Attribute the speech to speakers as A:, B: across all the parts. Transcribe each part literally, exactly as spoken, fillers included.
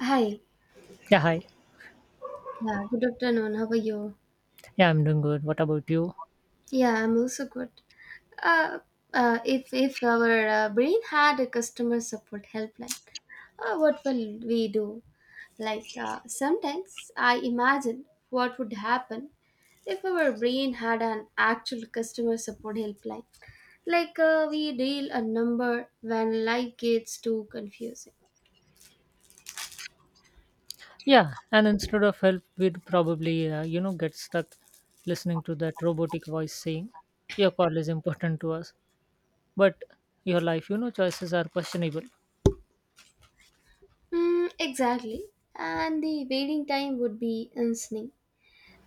A: Hi.
B: Yeah, hi.
A: Yeah, good afternoon. How are you?
B: Yeah, I'm doing good. What about you?
A: Yeah, I'm also good. Uh, uh, if if our uh, brain had a customer support helpline, uh, what will we do? Like uh, sometimes I imagine what would happen if our brain had an actual customer support helpline. Like uh, we dial a number when life gets too confusing.
B: Yeah, and instead of help, we'd probably, uh, you know, get stuck listening to that robotic voice saying, your call is important to us, but your life, you know, choices are questionable.
A: Mm, exactly. And the waiting time would be insane.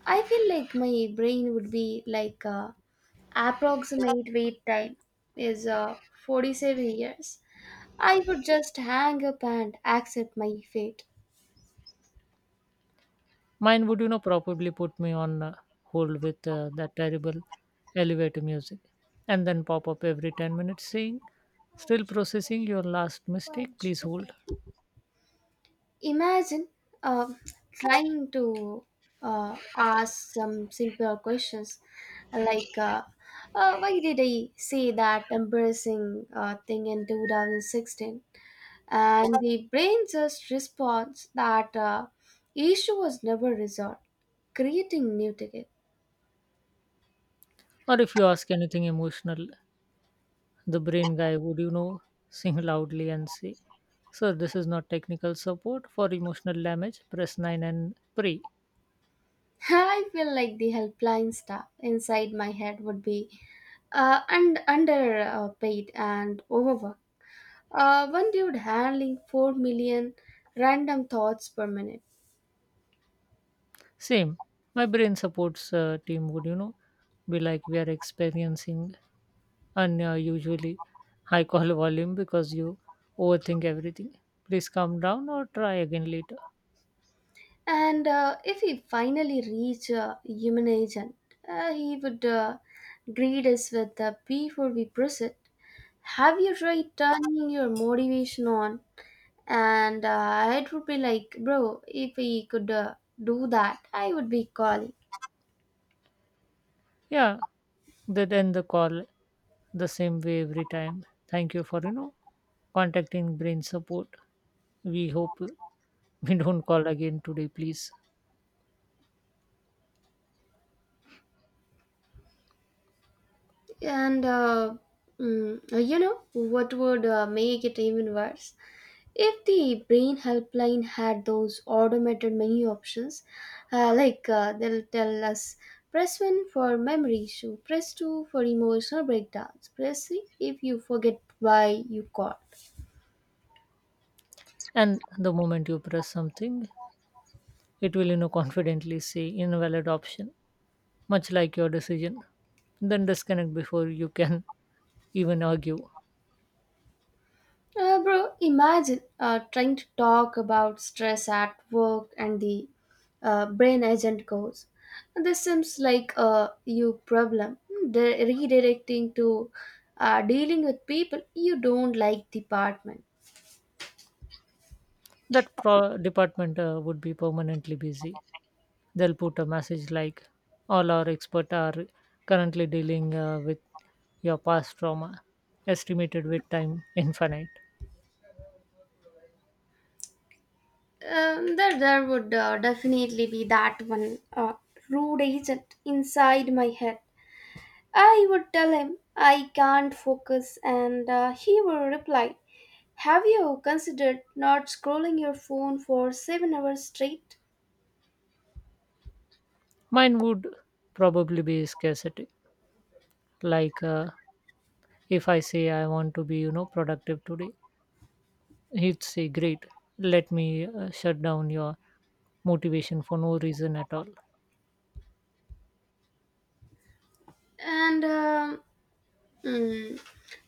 A: I feel like my brain would be like uh, approximate wait time is uh, forty-seven years. I would just hang up and accept my fate.
B: Mine would, you know, probably put me on uh, hold with uh, that terrible elevator music, and then pop up every ten minutes saying, still processing your last mistake, please hold.
A: Imagine uh, trying to uh, ask some simpler questions like uh, uh, why did I say that embarrassing uh, thing in twenty sixteen? And the brain just responds that uh, issue was never resolved, creating new ticket.
B: Or if you ask anything emotional, the brain guy would, you know, sing loudly and say, sir, this is not technical support for emotional damage. Press nine and pray.
A: I feel like the helpline staff inside my head would be uh, and underpaid and overworked. Uh, one dude handling four million random thoughts per minute.
B: Same. My brain supports uh, team would, you know, be like, we are experiencing unusually high call volume because you overthink everything. Please calm down or try again later.
A: And uh, if he finally reached a human agent, uh, he would uh, greet us with uh, before we proceed. Have you tried turning your motivation on? And uh, it would be like, bro, if he could uh, do that, I would be calling.
B: Yeah, they end the call the same way every time. Thank you for, you know, contacting brain support. We hope we don't call again today, please.
A: And uh, mm, uh, you know what would uh, make it even worse? If the brain helpline had those automated menu options, uh, like uh, they'll tell us press one for memory issue, press two for emotional breakdowns, press three if you forget why you called.
B: And the moment you press something, it will you know confidently say invalid option, much like your decision, then disconnect before you can even argue.
A: Uh, bro, imagine uh, trying to talk about stress at work and the uh, brain agent goes. This seems like a you problem. They're redirecting to uh, dealing with people you don't like department.
B: That pro- department uh, would be permanently busy. They'll put a message like, all our experts are currently dealing uh, with your past trauma, estimated with time infinite.
A: Um, there, there would uh, definitely be that one uh, rude agent inside my head. I would tell him I can't focus, and uh, he would reply, have you considered not scrolling your phone for seven hours straight?
B: Mine would probably be scarcity. Like, uh, if I say I want to be you know productive today, he'd say, great, let me uh, shut down your motivation for no reason at all.
A: And um, mm,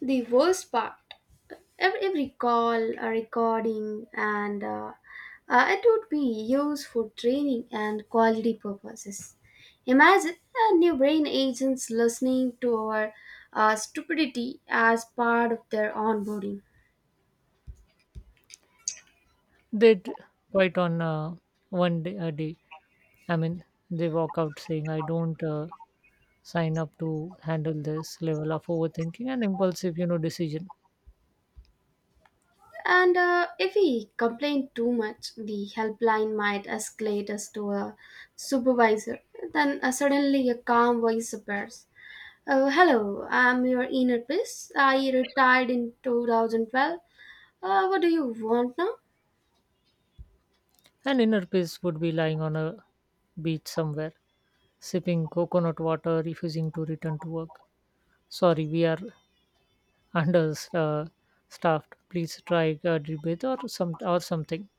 A: the worst part every, every call, a recording, and uh, uh, it would be used for training and quality purposes. Imagine a new brain agents listening to our uh, stupidity as part of their onboarding.
B: They'd quite on uh, one day a day. I mean, they walk out saying, I don't uh, sign up to handle this level of overthinking and impulsive you know decision.
A: And uh, if we complain too much, the helpline might escalate us to a supervisor. Then uh, suddenly a calm voice appears. Oh, hello, I'm your inner peace. I retired in two thousand twelve. Uh, what do you want now?
B: And inner peace would be lying on a beach somewhere, sipping coconut water, refusing to return to work. Sorry, we are under uh, uh, staffed, please try uh, rebate or some or something.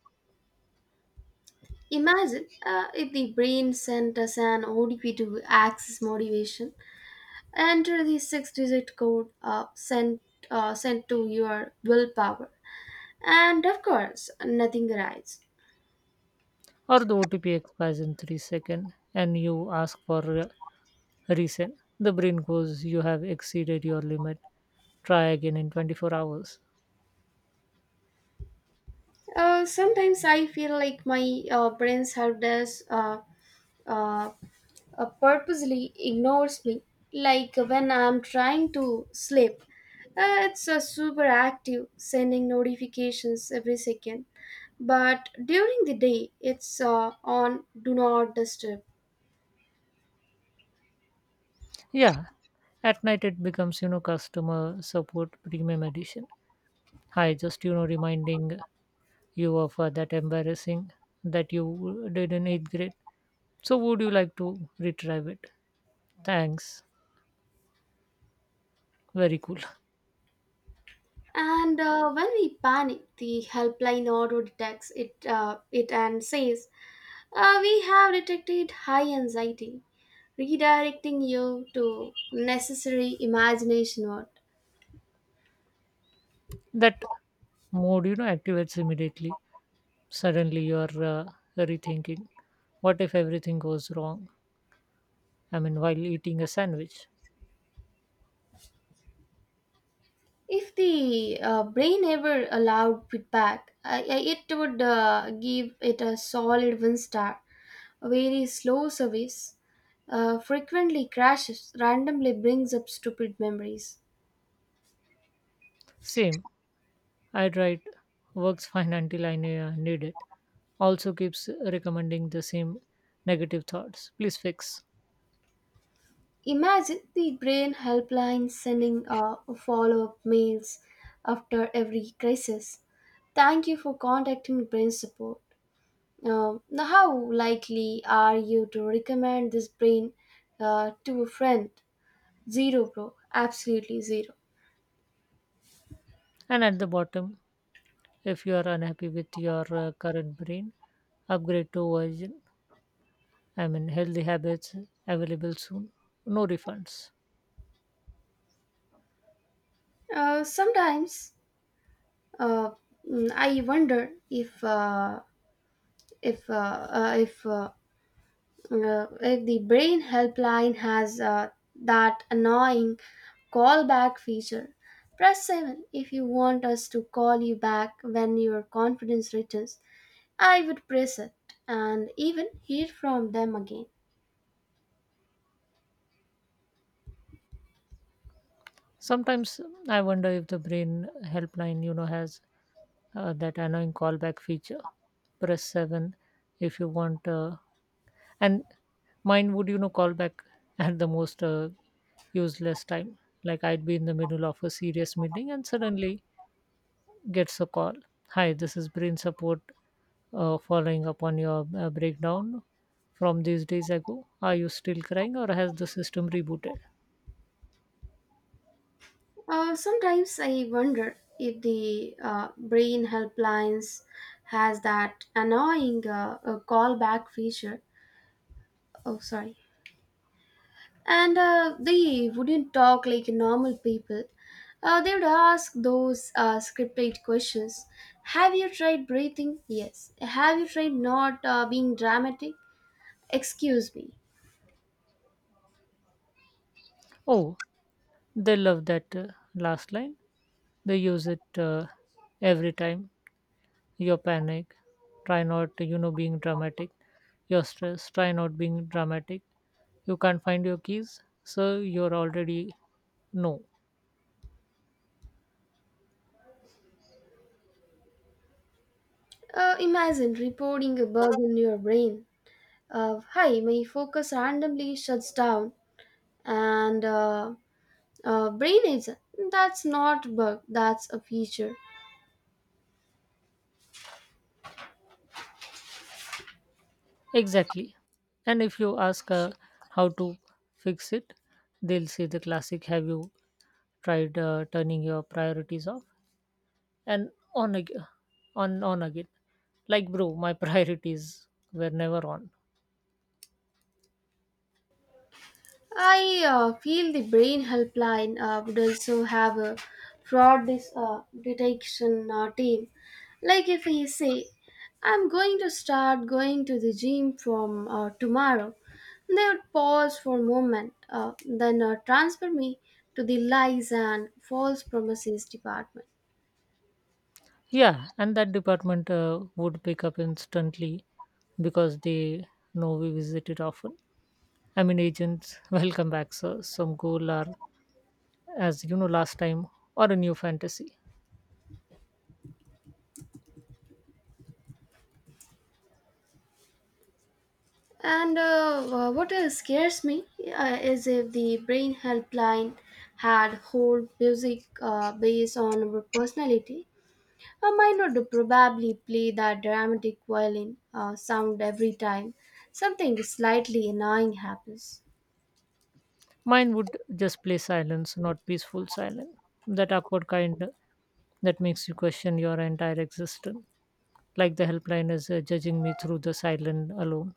A: Imagine uh, if the brain sent us an O D P to access motivation. Enter the six-digit code uh, sent uh, sent to your willpower, and of course, nothing arrives.
B: Or the OTP expires in three seconds, and you ask for uh, reset. The brain goes, you have exceeded your limit, try again in twenty-four hours.
A: Uh, sometimes I feel like my uh, brain's help desk uh, uh, uh, purposely ignores me, like when I'm trying to sleep. Uh, it's uh, super active, sending notifications every second. But during the day, it's uh, on Do Not Disturb.
B: Yeah, at night it becomes you know customer support premium edition. Hi, just you know reminding you of uh, that embarrassing that you did in eighth grade. So would you like to retrieve it? Thanks. Very cool.
A: And uh, when we panic, the helpline auto detects it, uh, it and says, uh, we have detected high anxiety, redirecting you to necessary imagination work.
B: That mode you know activates immediately. Suddenly you are uh, rethinking, what if everything goes wrong? I mean, while eating a sandwich.
A: If the uh, brain ever allowed feedback, I, I, it would uh, give it a solid one star. A very slow service uh, frequently crashes, randomly brings up stupid memories.
B: Same. I tried. Works fine until i ne- uh, need it. Also keeps recommending the same negative thoughts, please fix.
A: Imagine the brain helpline sending uh, follow up mails after every crisis. Thank you for contacting brain support. Um, now, how likely are you to recommend this brain uh, to a friend? Zero, bro. Absolutely zero.
B: And at the bottom, if you are unhappy with your uh, current brain, upgrade to version, I mean, healthy habits. Available soon. No refunds.
A: Uh, sometimes uh, mm, I wonder if uh, if uh, uh, if uh, uh, if the brain helpline has uh, that annoying callback feature. Press seven if you want us to call you back when your confidence returns. I would press it and even hear from them again.
B: Sometimes I wonder if the brain helpline you know has uh, that annoying callback feature. Press seven if you want. Uh, and mine would, you know, call back at the most uh, useless time. Like, I'd be in the middle of a serious meeting and suddenly gets a call. Hi, this is Brain Support, uh, following up on your uh, breakdown from these days ago. Are you still crying, or has the system rebooted?
A: Uh, sometimes I wonder if the uh, brain helplines has that annoying uh, uh, callback feature. Oh, sorry. And uh, they wouldn't talk like normal people. Uh, they would ask those uh, scripted questions. Have you tried breathing? Yes. Have you tried not uh, being dramatic? Excuse me.
B: Oh, they love that uh, last line. They use it uh, every time. Your panic, try not you know being dramatic. Your stress, try not being dramatic. You can't find your keys, so you're already no.
A: Uh, imagine reporting a bug in your brain. Uh, Hi, my focus randomly shuts down, and uh, uh, brain agent. That's not a bug. That's a feature.
B: Exactly. And if you ask uh, how to fix it, they'll say the classic, have you tried uh, turning your priorities off and on again. On on again. Like, bro, my priorities were never on.
A: I uh, feel the brain helpline uh, would also have a fraud dis- uh, detection uh, team. Like if he say, I'm going to start going to the gym from uh, tomorrow, they would pause for a moment, uh, then uh, transfer me to the lies and false promises department.
B: Yeah, and that department uh, would pick up instantly, because they know we visit it often. I mean, agents, welcome back, sir. Some goal are, as you know, last time, or a new fantasy.
A: And uh, uh, what uh, scares me uh, is if the brain helpline had whole music uh, based on our personality, a minor would probably play that dramatic violin uh, sound every time something slightly annoying happens.
B: Mine would just play silence, not peaceful silence. That awkward kind that makes you question your entire existence. Like, the helpline is uh, judging me through the silence alone.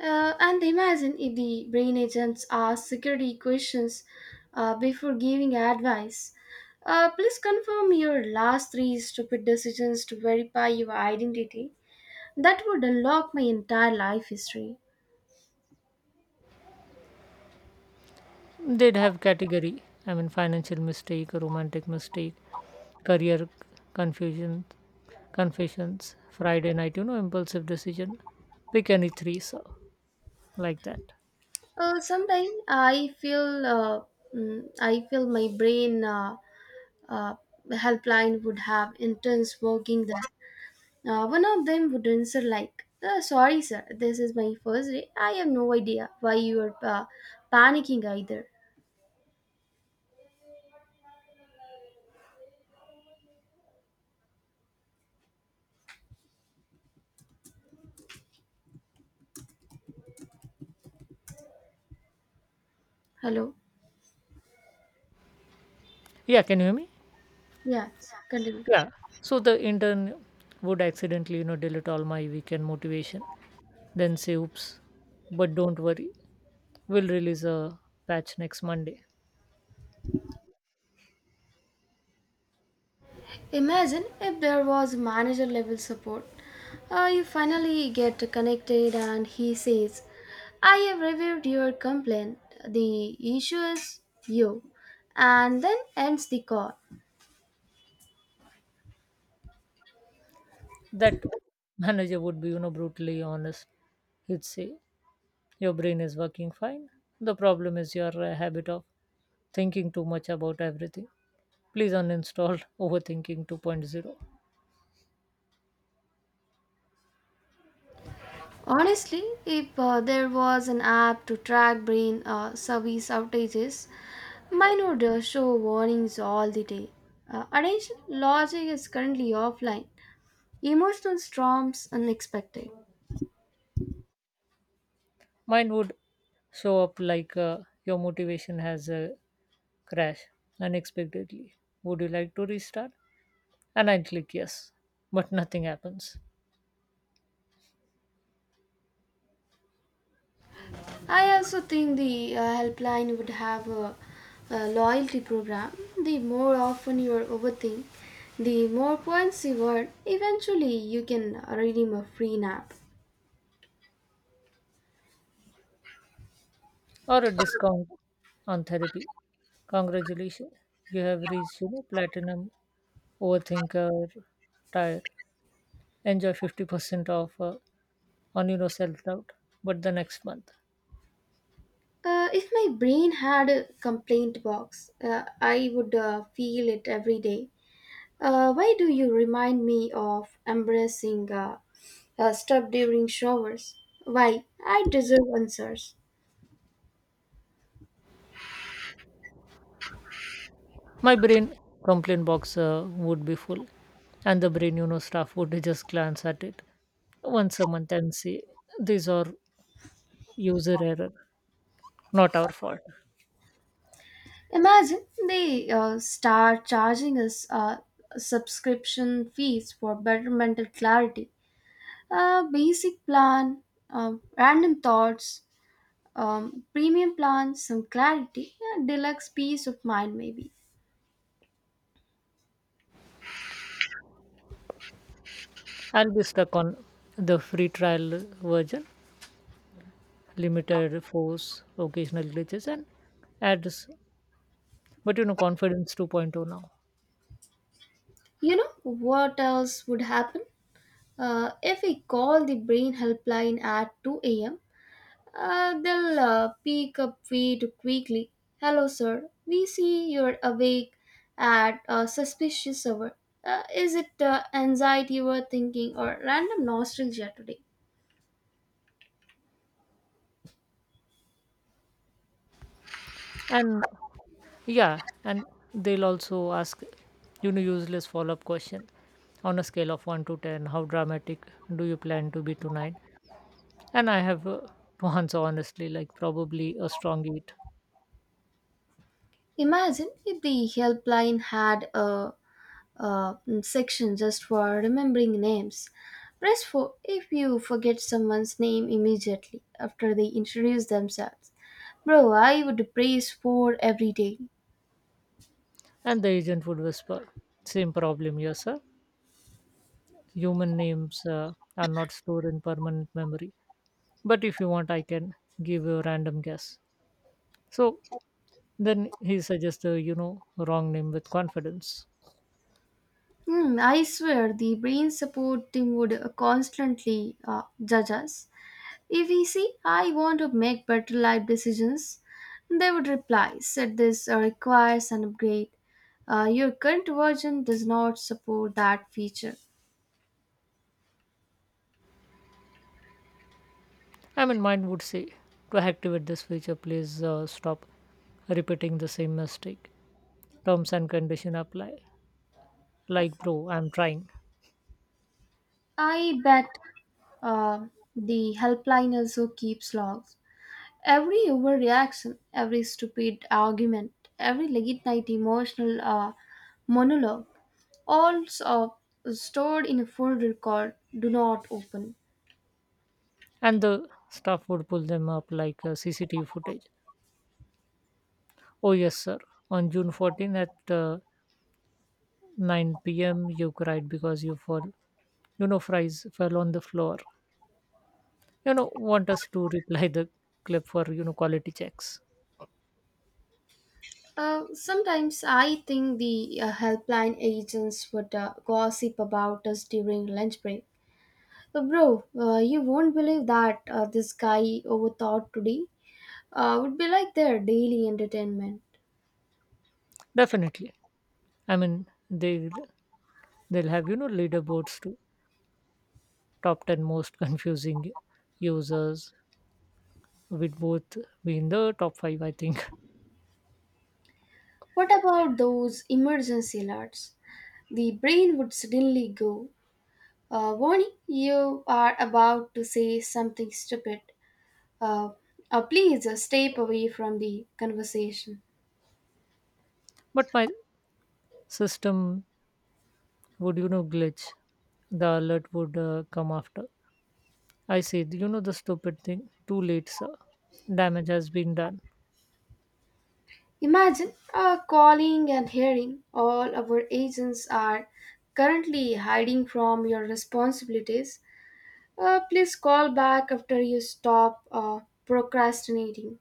A: Uh, and imagine if the brain agents ask security questions uh, before giving advice. Uh, please confirm your last three stupid decisions to verify your identity. That would unlock my entire life history.
B: They'd have category. I mean, financial mistake, romantic mistake, career confusion, confessions, Friday night, you know, impulsive decision. Pick any three, so like that.
A: Uh, sometimes I feel uh, mm, I feel my brain uh, uh, helpline would have interns working there. Uh, one of them would answer like, uh, "Sorry, sir, this is my first day. I have no idea why you are uh, panicking either." Hello.
B: Yeah, can you hear me?
A: Yes. Continue.
B: Yeah. So the intern would accidentally, you know, delete all my weekend motivation, then say, oops, but don't worry, we'll release a patch next Monday.
A: Imagine if there was manager level support. Uh, you finally get connected and he says, I have reviewed your complaint. The issue is you. And then ends the call.
B: That manager would be, you know, brutally honest. He'd say, your brain is working fine. The problem is your uh, habit of thinking too much about everything. Please uninstall Overthinking 2.0.
A: Honestly, if uh, there was an app to track brain uh, service outages, mine would uh, show warnings all the day. Uh, attention, logic is currently offline. Emotional storms unexpected.
B: Mine would show up like, uh, your motivation has uh, crashed unexpectedly. Would you like to restart? And I click yes, but nothing happens.
A: I also think the uh, helpline would have a, a loyalty program. The more often you overthink, the more points you earn. Eventually, you can redeem a free nap.
B: Or a discount on therapy. Congratulations, you have reached you know platinum overthinker tire. Enjoy fifty percent off uh, on your self doubt, but the next month.
A: Uh, if my brain had a complaint box, uh, I would uh, feel it every day. Uh, why do you remind me of embracing uh, uh, stuff during showers? Why? I deserve answers.
B: My brain complaint box uh, would be full, and the brain you know staff would just glance at it once a month and say, these are user error, not our fault.
A: Imagine they uh, start charging us uh, subscription fees for better mental clarity, a basic plan, um, random thoughts, um, premium plan, some clarity, and deluxe peace of mind, maybe.
B: I'll be stuck on the free trial version, limited force, occasional glitches and ads. But you know confidence 2.0 now.
A: You know what else would happen? Uh, if we call the brain helpline at two a m, Uh, they'll uh, pick up way too quickly. Hello, sir. We see you're awake at a suspicious hour. Uh, is it uh, anxiety you were thinking or random nostalgia today?
B: And yeah and they'll also ask you know useless follow-up question. On a scale of one to ten, how dramatic do you plan to be tonight? And I have uh, once, honestly, like probably a strong eat.
A: Imagine if the helpline had a, a mm, section just for remembering names. Press four if you forget someone's name immediately after they introduce themselves. Bro, I would praise four every day.
B: And the agent would whisper, same problem here, sir. Human names uh, are not stored in permanent memory. But if you want, I can give you a random guess. So then he suggests a, you know, wrong name with confidence.
A: Hmm, I swear the brain supporting would uh, constantly uh, judge us. If we say, I want to make better life decisions, they would reply, said this uh, requires an upgrade. Uh, your current version does not support that feature.
B: I mean, mine would say, to activate this feature, please uh, stop repeating the same mistake. Terms and condition apply. Like, bro, I'm trying.
A: I bet uh, the helpline also keeps logs. Every overreaction, every stupid argument, every late night emotional uh, monologue. All so- Stored in a folder called Do not open.
B: And the staff would pull them up like uh, C C T V footage. Oh, yes, sir. On June fourteenth at uh, nine p m, you cried because you fall. You know, fries fell on the floor. You know, want us to reply the clip for you know quality checks?
A: Uh, sometimes I think the uh, helpline agents would uh, gossip about us during lunch break. Uh, bro, uh, you won't believe that uh, this guy overthought today uh, would be like their daily entertainment.
B: Definitely. I mean, they they'll have you know leaderboards to top ten most confusing users. We'd both be in the top five, I think.
A: What about those emergency alerts? The brain would suddenly go, uh, warning, you are about to say something stupid. Uh, uh, Please uh, step away from the conversation.
B: But my system would you know glitch. The alert would uh, come after I said, you know the stupid thing. Too late, sir. Damage has been done.
A: Imagine uh, calling and hearing all our agents are currently hiding from your responsibilities. Uh, please call back after you stop uh, procrastinating.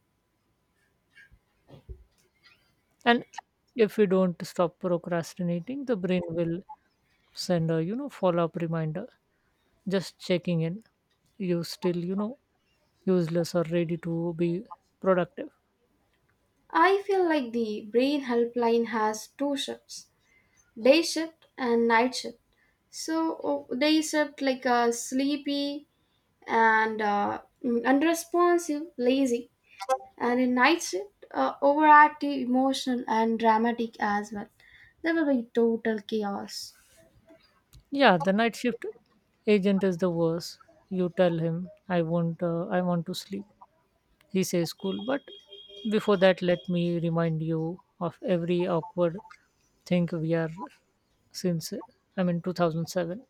B: And if we don't stop procrastinating, the brain will send a, you know, follow-up reminder. Just checking in. You still, you know, useless or ready to be productive.
A: I feel like the brain helpline has two shifts day shift and night shift. So, uh, day shift like a sleepy and uh, unresponsive, lazy and in night shift, uh, overactive, emotional, and dramatic as well. There will be total chaos.
B: Yeah, the night shift agent is the worst. You tell him, I want, uh, I want to sleep. He says, cool. But before that, let me remind you of every awkward thing we are since uh, I mean two thousand seven.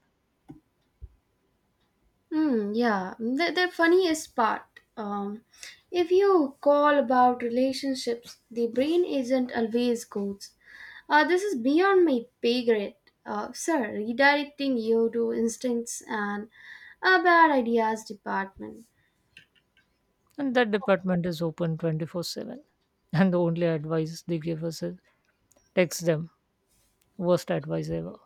A: Hmm, yeah, the, the funniest part. Um, if you call about relationships, the brain isn't always good. Uh, this is beyond my pay grade. Uh, sir, redirecting you to instincts and a bad ideas department.
B: And that department is open twenty-four seven. And the only advice they give us is, text them. Worst advice ever.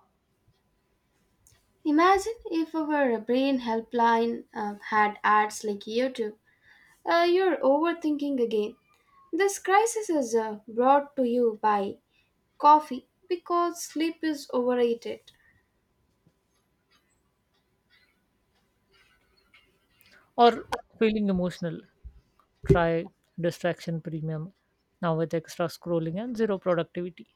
A: Imagine if our brain helpline uh, had ads like YouTube. Uh, you're overthinking again. This crisis is uh, brought to you by coffee because sleep is overrated.
B: Or, feeling emotional. Try distraction premium now, with extra scrolling and zero productivity.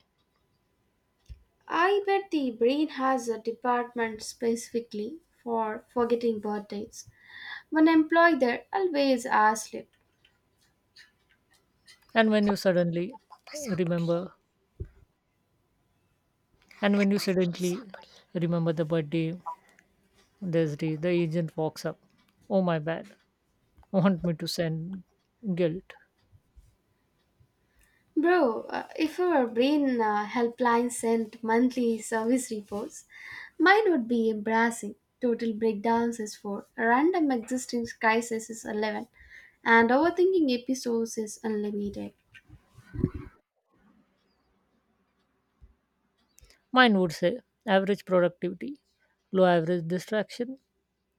A: I bet the brain has a department specifically for forgetting birthdays. One employee there always asks sleep.
B: And when you suddenly remember, and when you suddenly remember the birthday, there's the the agent walks up. Oh, my bad! Want me to send guilt?
A: Bro, uh, if your brain uh, helpline sent monthly service reports, mine would be embarrassing. Total breakdowns is four, random existence crisis is eleven, and overthinking episodes is unlimited.
B: Mine would say, average productivity low, average distraction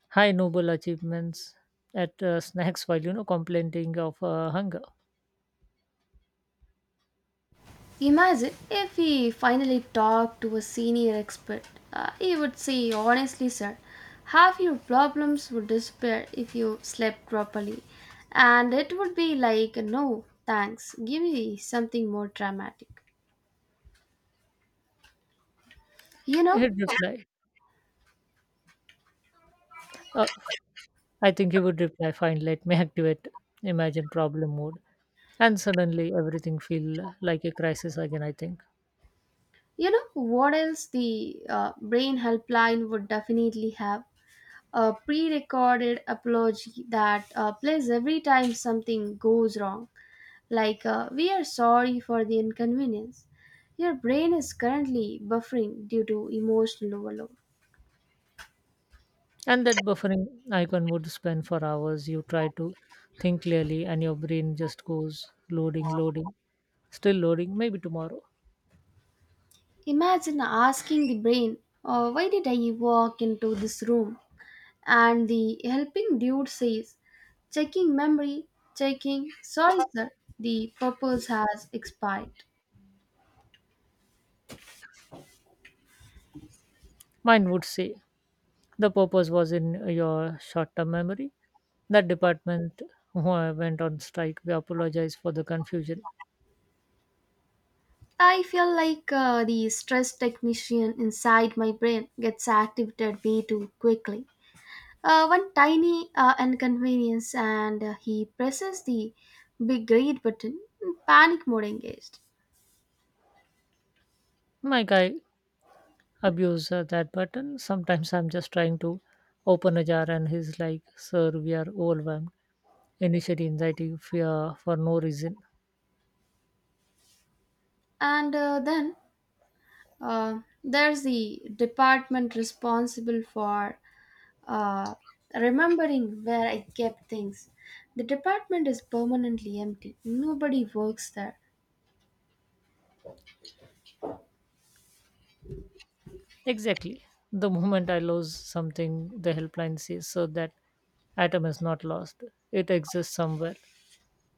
B: high, noble achievements at uh, snacks while you know complaining of uh, hunger.
A: Imagine if we finally talked to a senior expert. Uh, he would say, honestly, sir, half your problems would disappear if you slept properly. And it would be like, no, thanks, give me something more dramatic. You know,
B: He'd reply. Uh, I think he would reply, fine, let me activate imagine problem mode, and suddenly everything feel like a crisis again. I think.
A: you know what else the uh, brain helpline would definitely have a pre-recorded apology that uh, plays every time something goes wrong, like uh, "We are sorry for the inconvenience." Your brain is currently buffering due to emotional overload.
B: And that buffering icon would spend for hours. You try to think clearly, and your brain just goes, loading, loading, still loading. Maybe tomorrow.
A: Imagine asking the brain, uh, "Why did I walk into this room?" And the helping dude says, checking memory, checking, sorry sir, the purpose has expired.
B: Mine would say, the purpose was in your short term memory. That department who uh, went on strike, we apologize for the confusion.
A: I feel like uh, the stress technician inside my brain gets activated way too quickly. Uh, one tiny uh, inconvenience, and uh, he presses the big red button, panic mode engaged.
B: Mike, I abuse uh, that button. Sometimes I'm just trying to open a jar, and he's like, sir, we are overwhelmed. Initially, anxiety, fear for no reason.
A: And uh, then uh, there's the department responsible for uh, remembering where I kept things. The department is permanently empty, nobody works there.
B: Exactly. The moment I lose something, the helpline says, so that atom is not lost. It exists somewhere.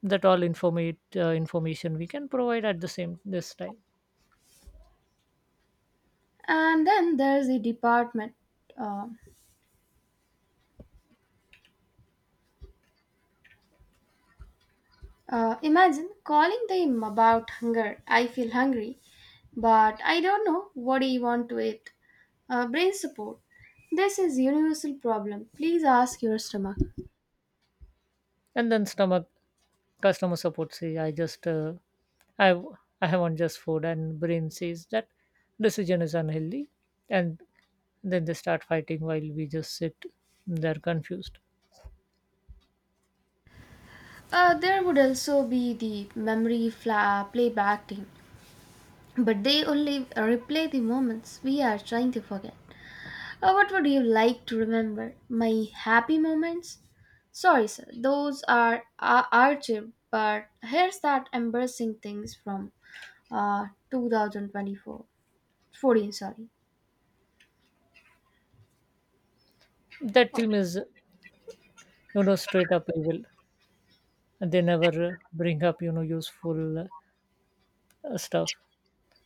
B: That all informate, uh, information we can provide at the same this time.
A: And then there's the department. Uh, uh, Imagine calling them about hunger. I feel hungry, but I don't know what I want to eat. Uh, brain support. This is universal problem. Please ask your stomach.
B: And then stomach customer support says, I just, uh, I, w- I want just food. And brain says that decision is unhealthy. And then they start fighting while we just sit there confused.
A: Uh, there would also be the memory fla- playback team, but they only replay the moments we are trying to forget. Uh, what would you like to remember? My happy moments? Sorry, sir, those are uh, archived, but here's that embarrassing things from uh, two thousand twenty-four. fourteen, sorry.
B: That team is, you know, straight up evil. They never uh, bring up, you know, useful uh, stuff.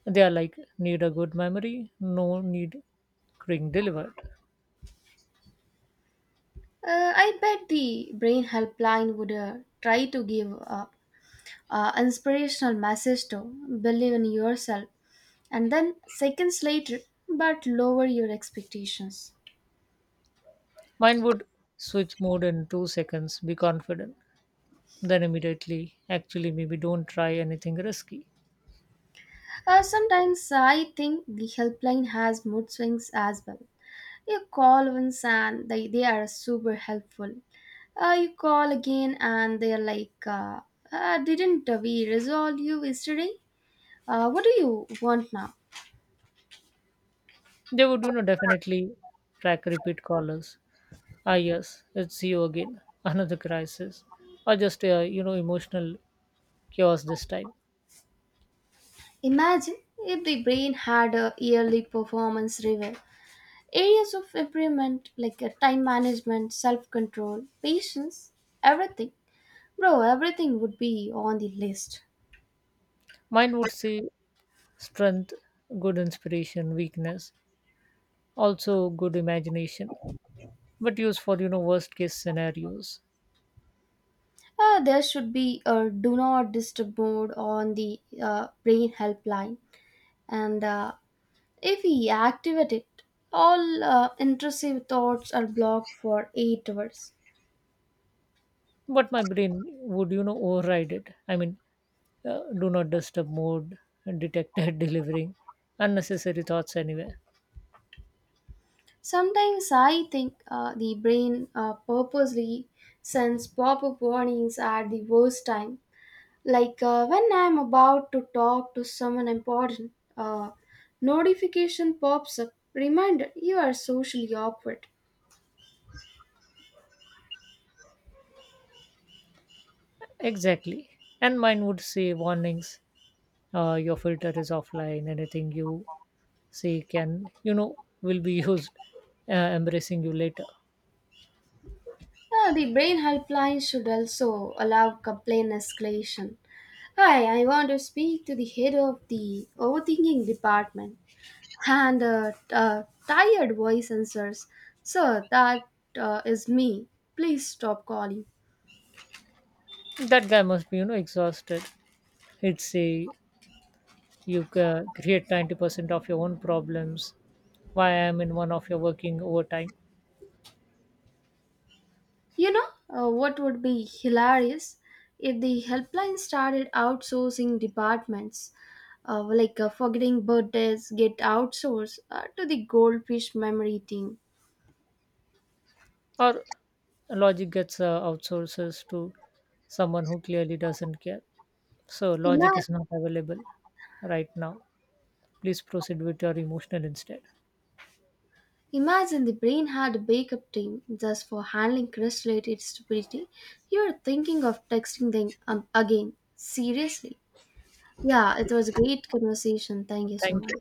B: They are like, need a good memory, no need ring delivered.
A: Uh, I bet the brain helpline would uh, try to give a uh, inspirational message to believe in yourself and then seconds later, but lower your expectations.
B: Mine would switch mode in two seconds. Be confident, then immediately, actually, maybe don't try anything risky.
A: Uh, sometimes I think the helpline has mood swings as well. You call once and they, they are super helpful. Uh, you call again and they are like, uh, uh, didn't we resolve you yesterday? Uh, what do you want now?
B: They would, you know, definitely track repeat callers. Ah, yes, it's you again. Another crisis, or just uh, you know, emotional chaos this time.
A: Imagine if the brain had a yearly performance review. Areas of improvement like uh, time management, self control, patience, everything. Bro, everything would be on the list.
B: Mine would say, strength, good inspiration, weakness, also good imagination, but used for you know worst case scenarios.
A: Uh, there should be a do not disturb mode on the uh, brain helpline and uh, if we activate it, all uh, intrusive thoughts are blocked for eight hours.
B: But my brain would you know override it. I mean, uh, do not disturb mode detected delivering unnecessary thoughts anywhere.
A: Sometimes I think uh, the brain uh, purposely sends pop up warnings at the worst time, like uh, when I'm about to talk to someone important, a notification pops up, reminder you are socially awkward.
B: Exactly, and mine would say, warnings, uh, your filter is offline. Anything you say can, you know will be used uh, embracing you later.
A: Uh, the brain helpline should also allow complaint escalation. Hi, I want to speak to the head of the overthinking department and a uh, uh, tired voice answers. Sir, that uh, is me. Please stop calling.
B: That guy must be you know exhausted. He'd say, you ca- create ninety percent of your own problems. Why, I'm in one of your working overtime.
A: You know uh, what would be hilarious if the helpline started outsourcing departments, uh, like uh, forgetting birthdays, get outsourced uh, to the goldfish memory team.
B: Or logic gets uh, outsources to someone who clearly doesn't care. So
A: Yeah.
B: logic is not available right now, please proceed with your emotional instead.
A: Imagine the brain had a backup team just for handling crush related stupidity. You're thinking of texting them um, again. Seriously. Yeah, it was a great conversation. Thank you so
B: Thank
A: much.
B: you.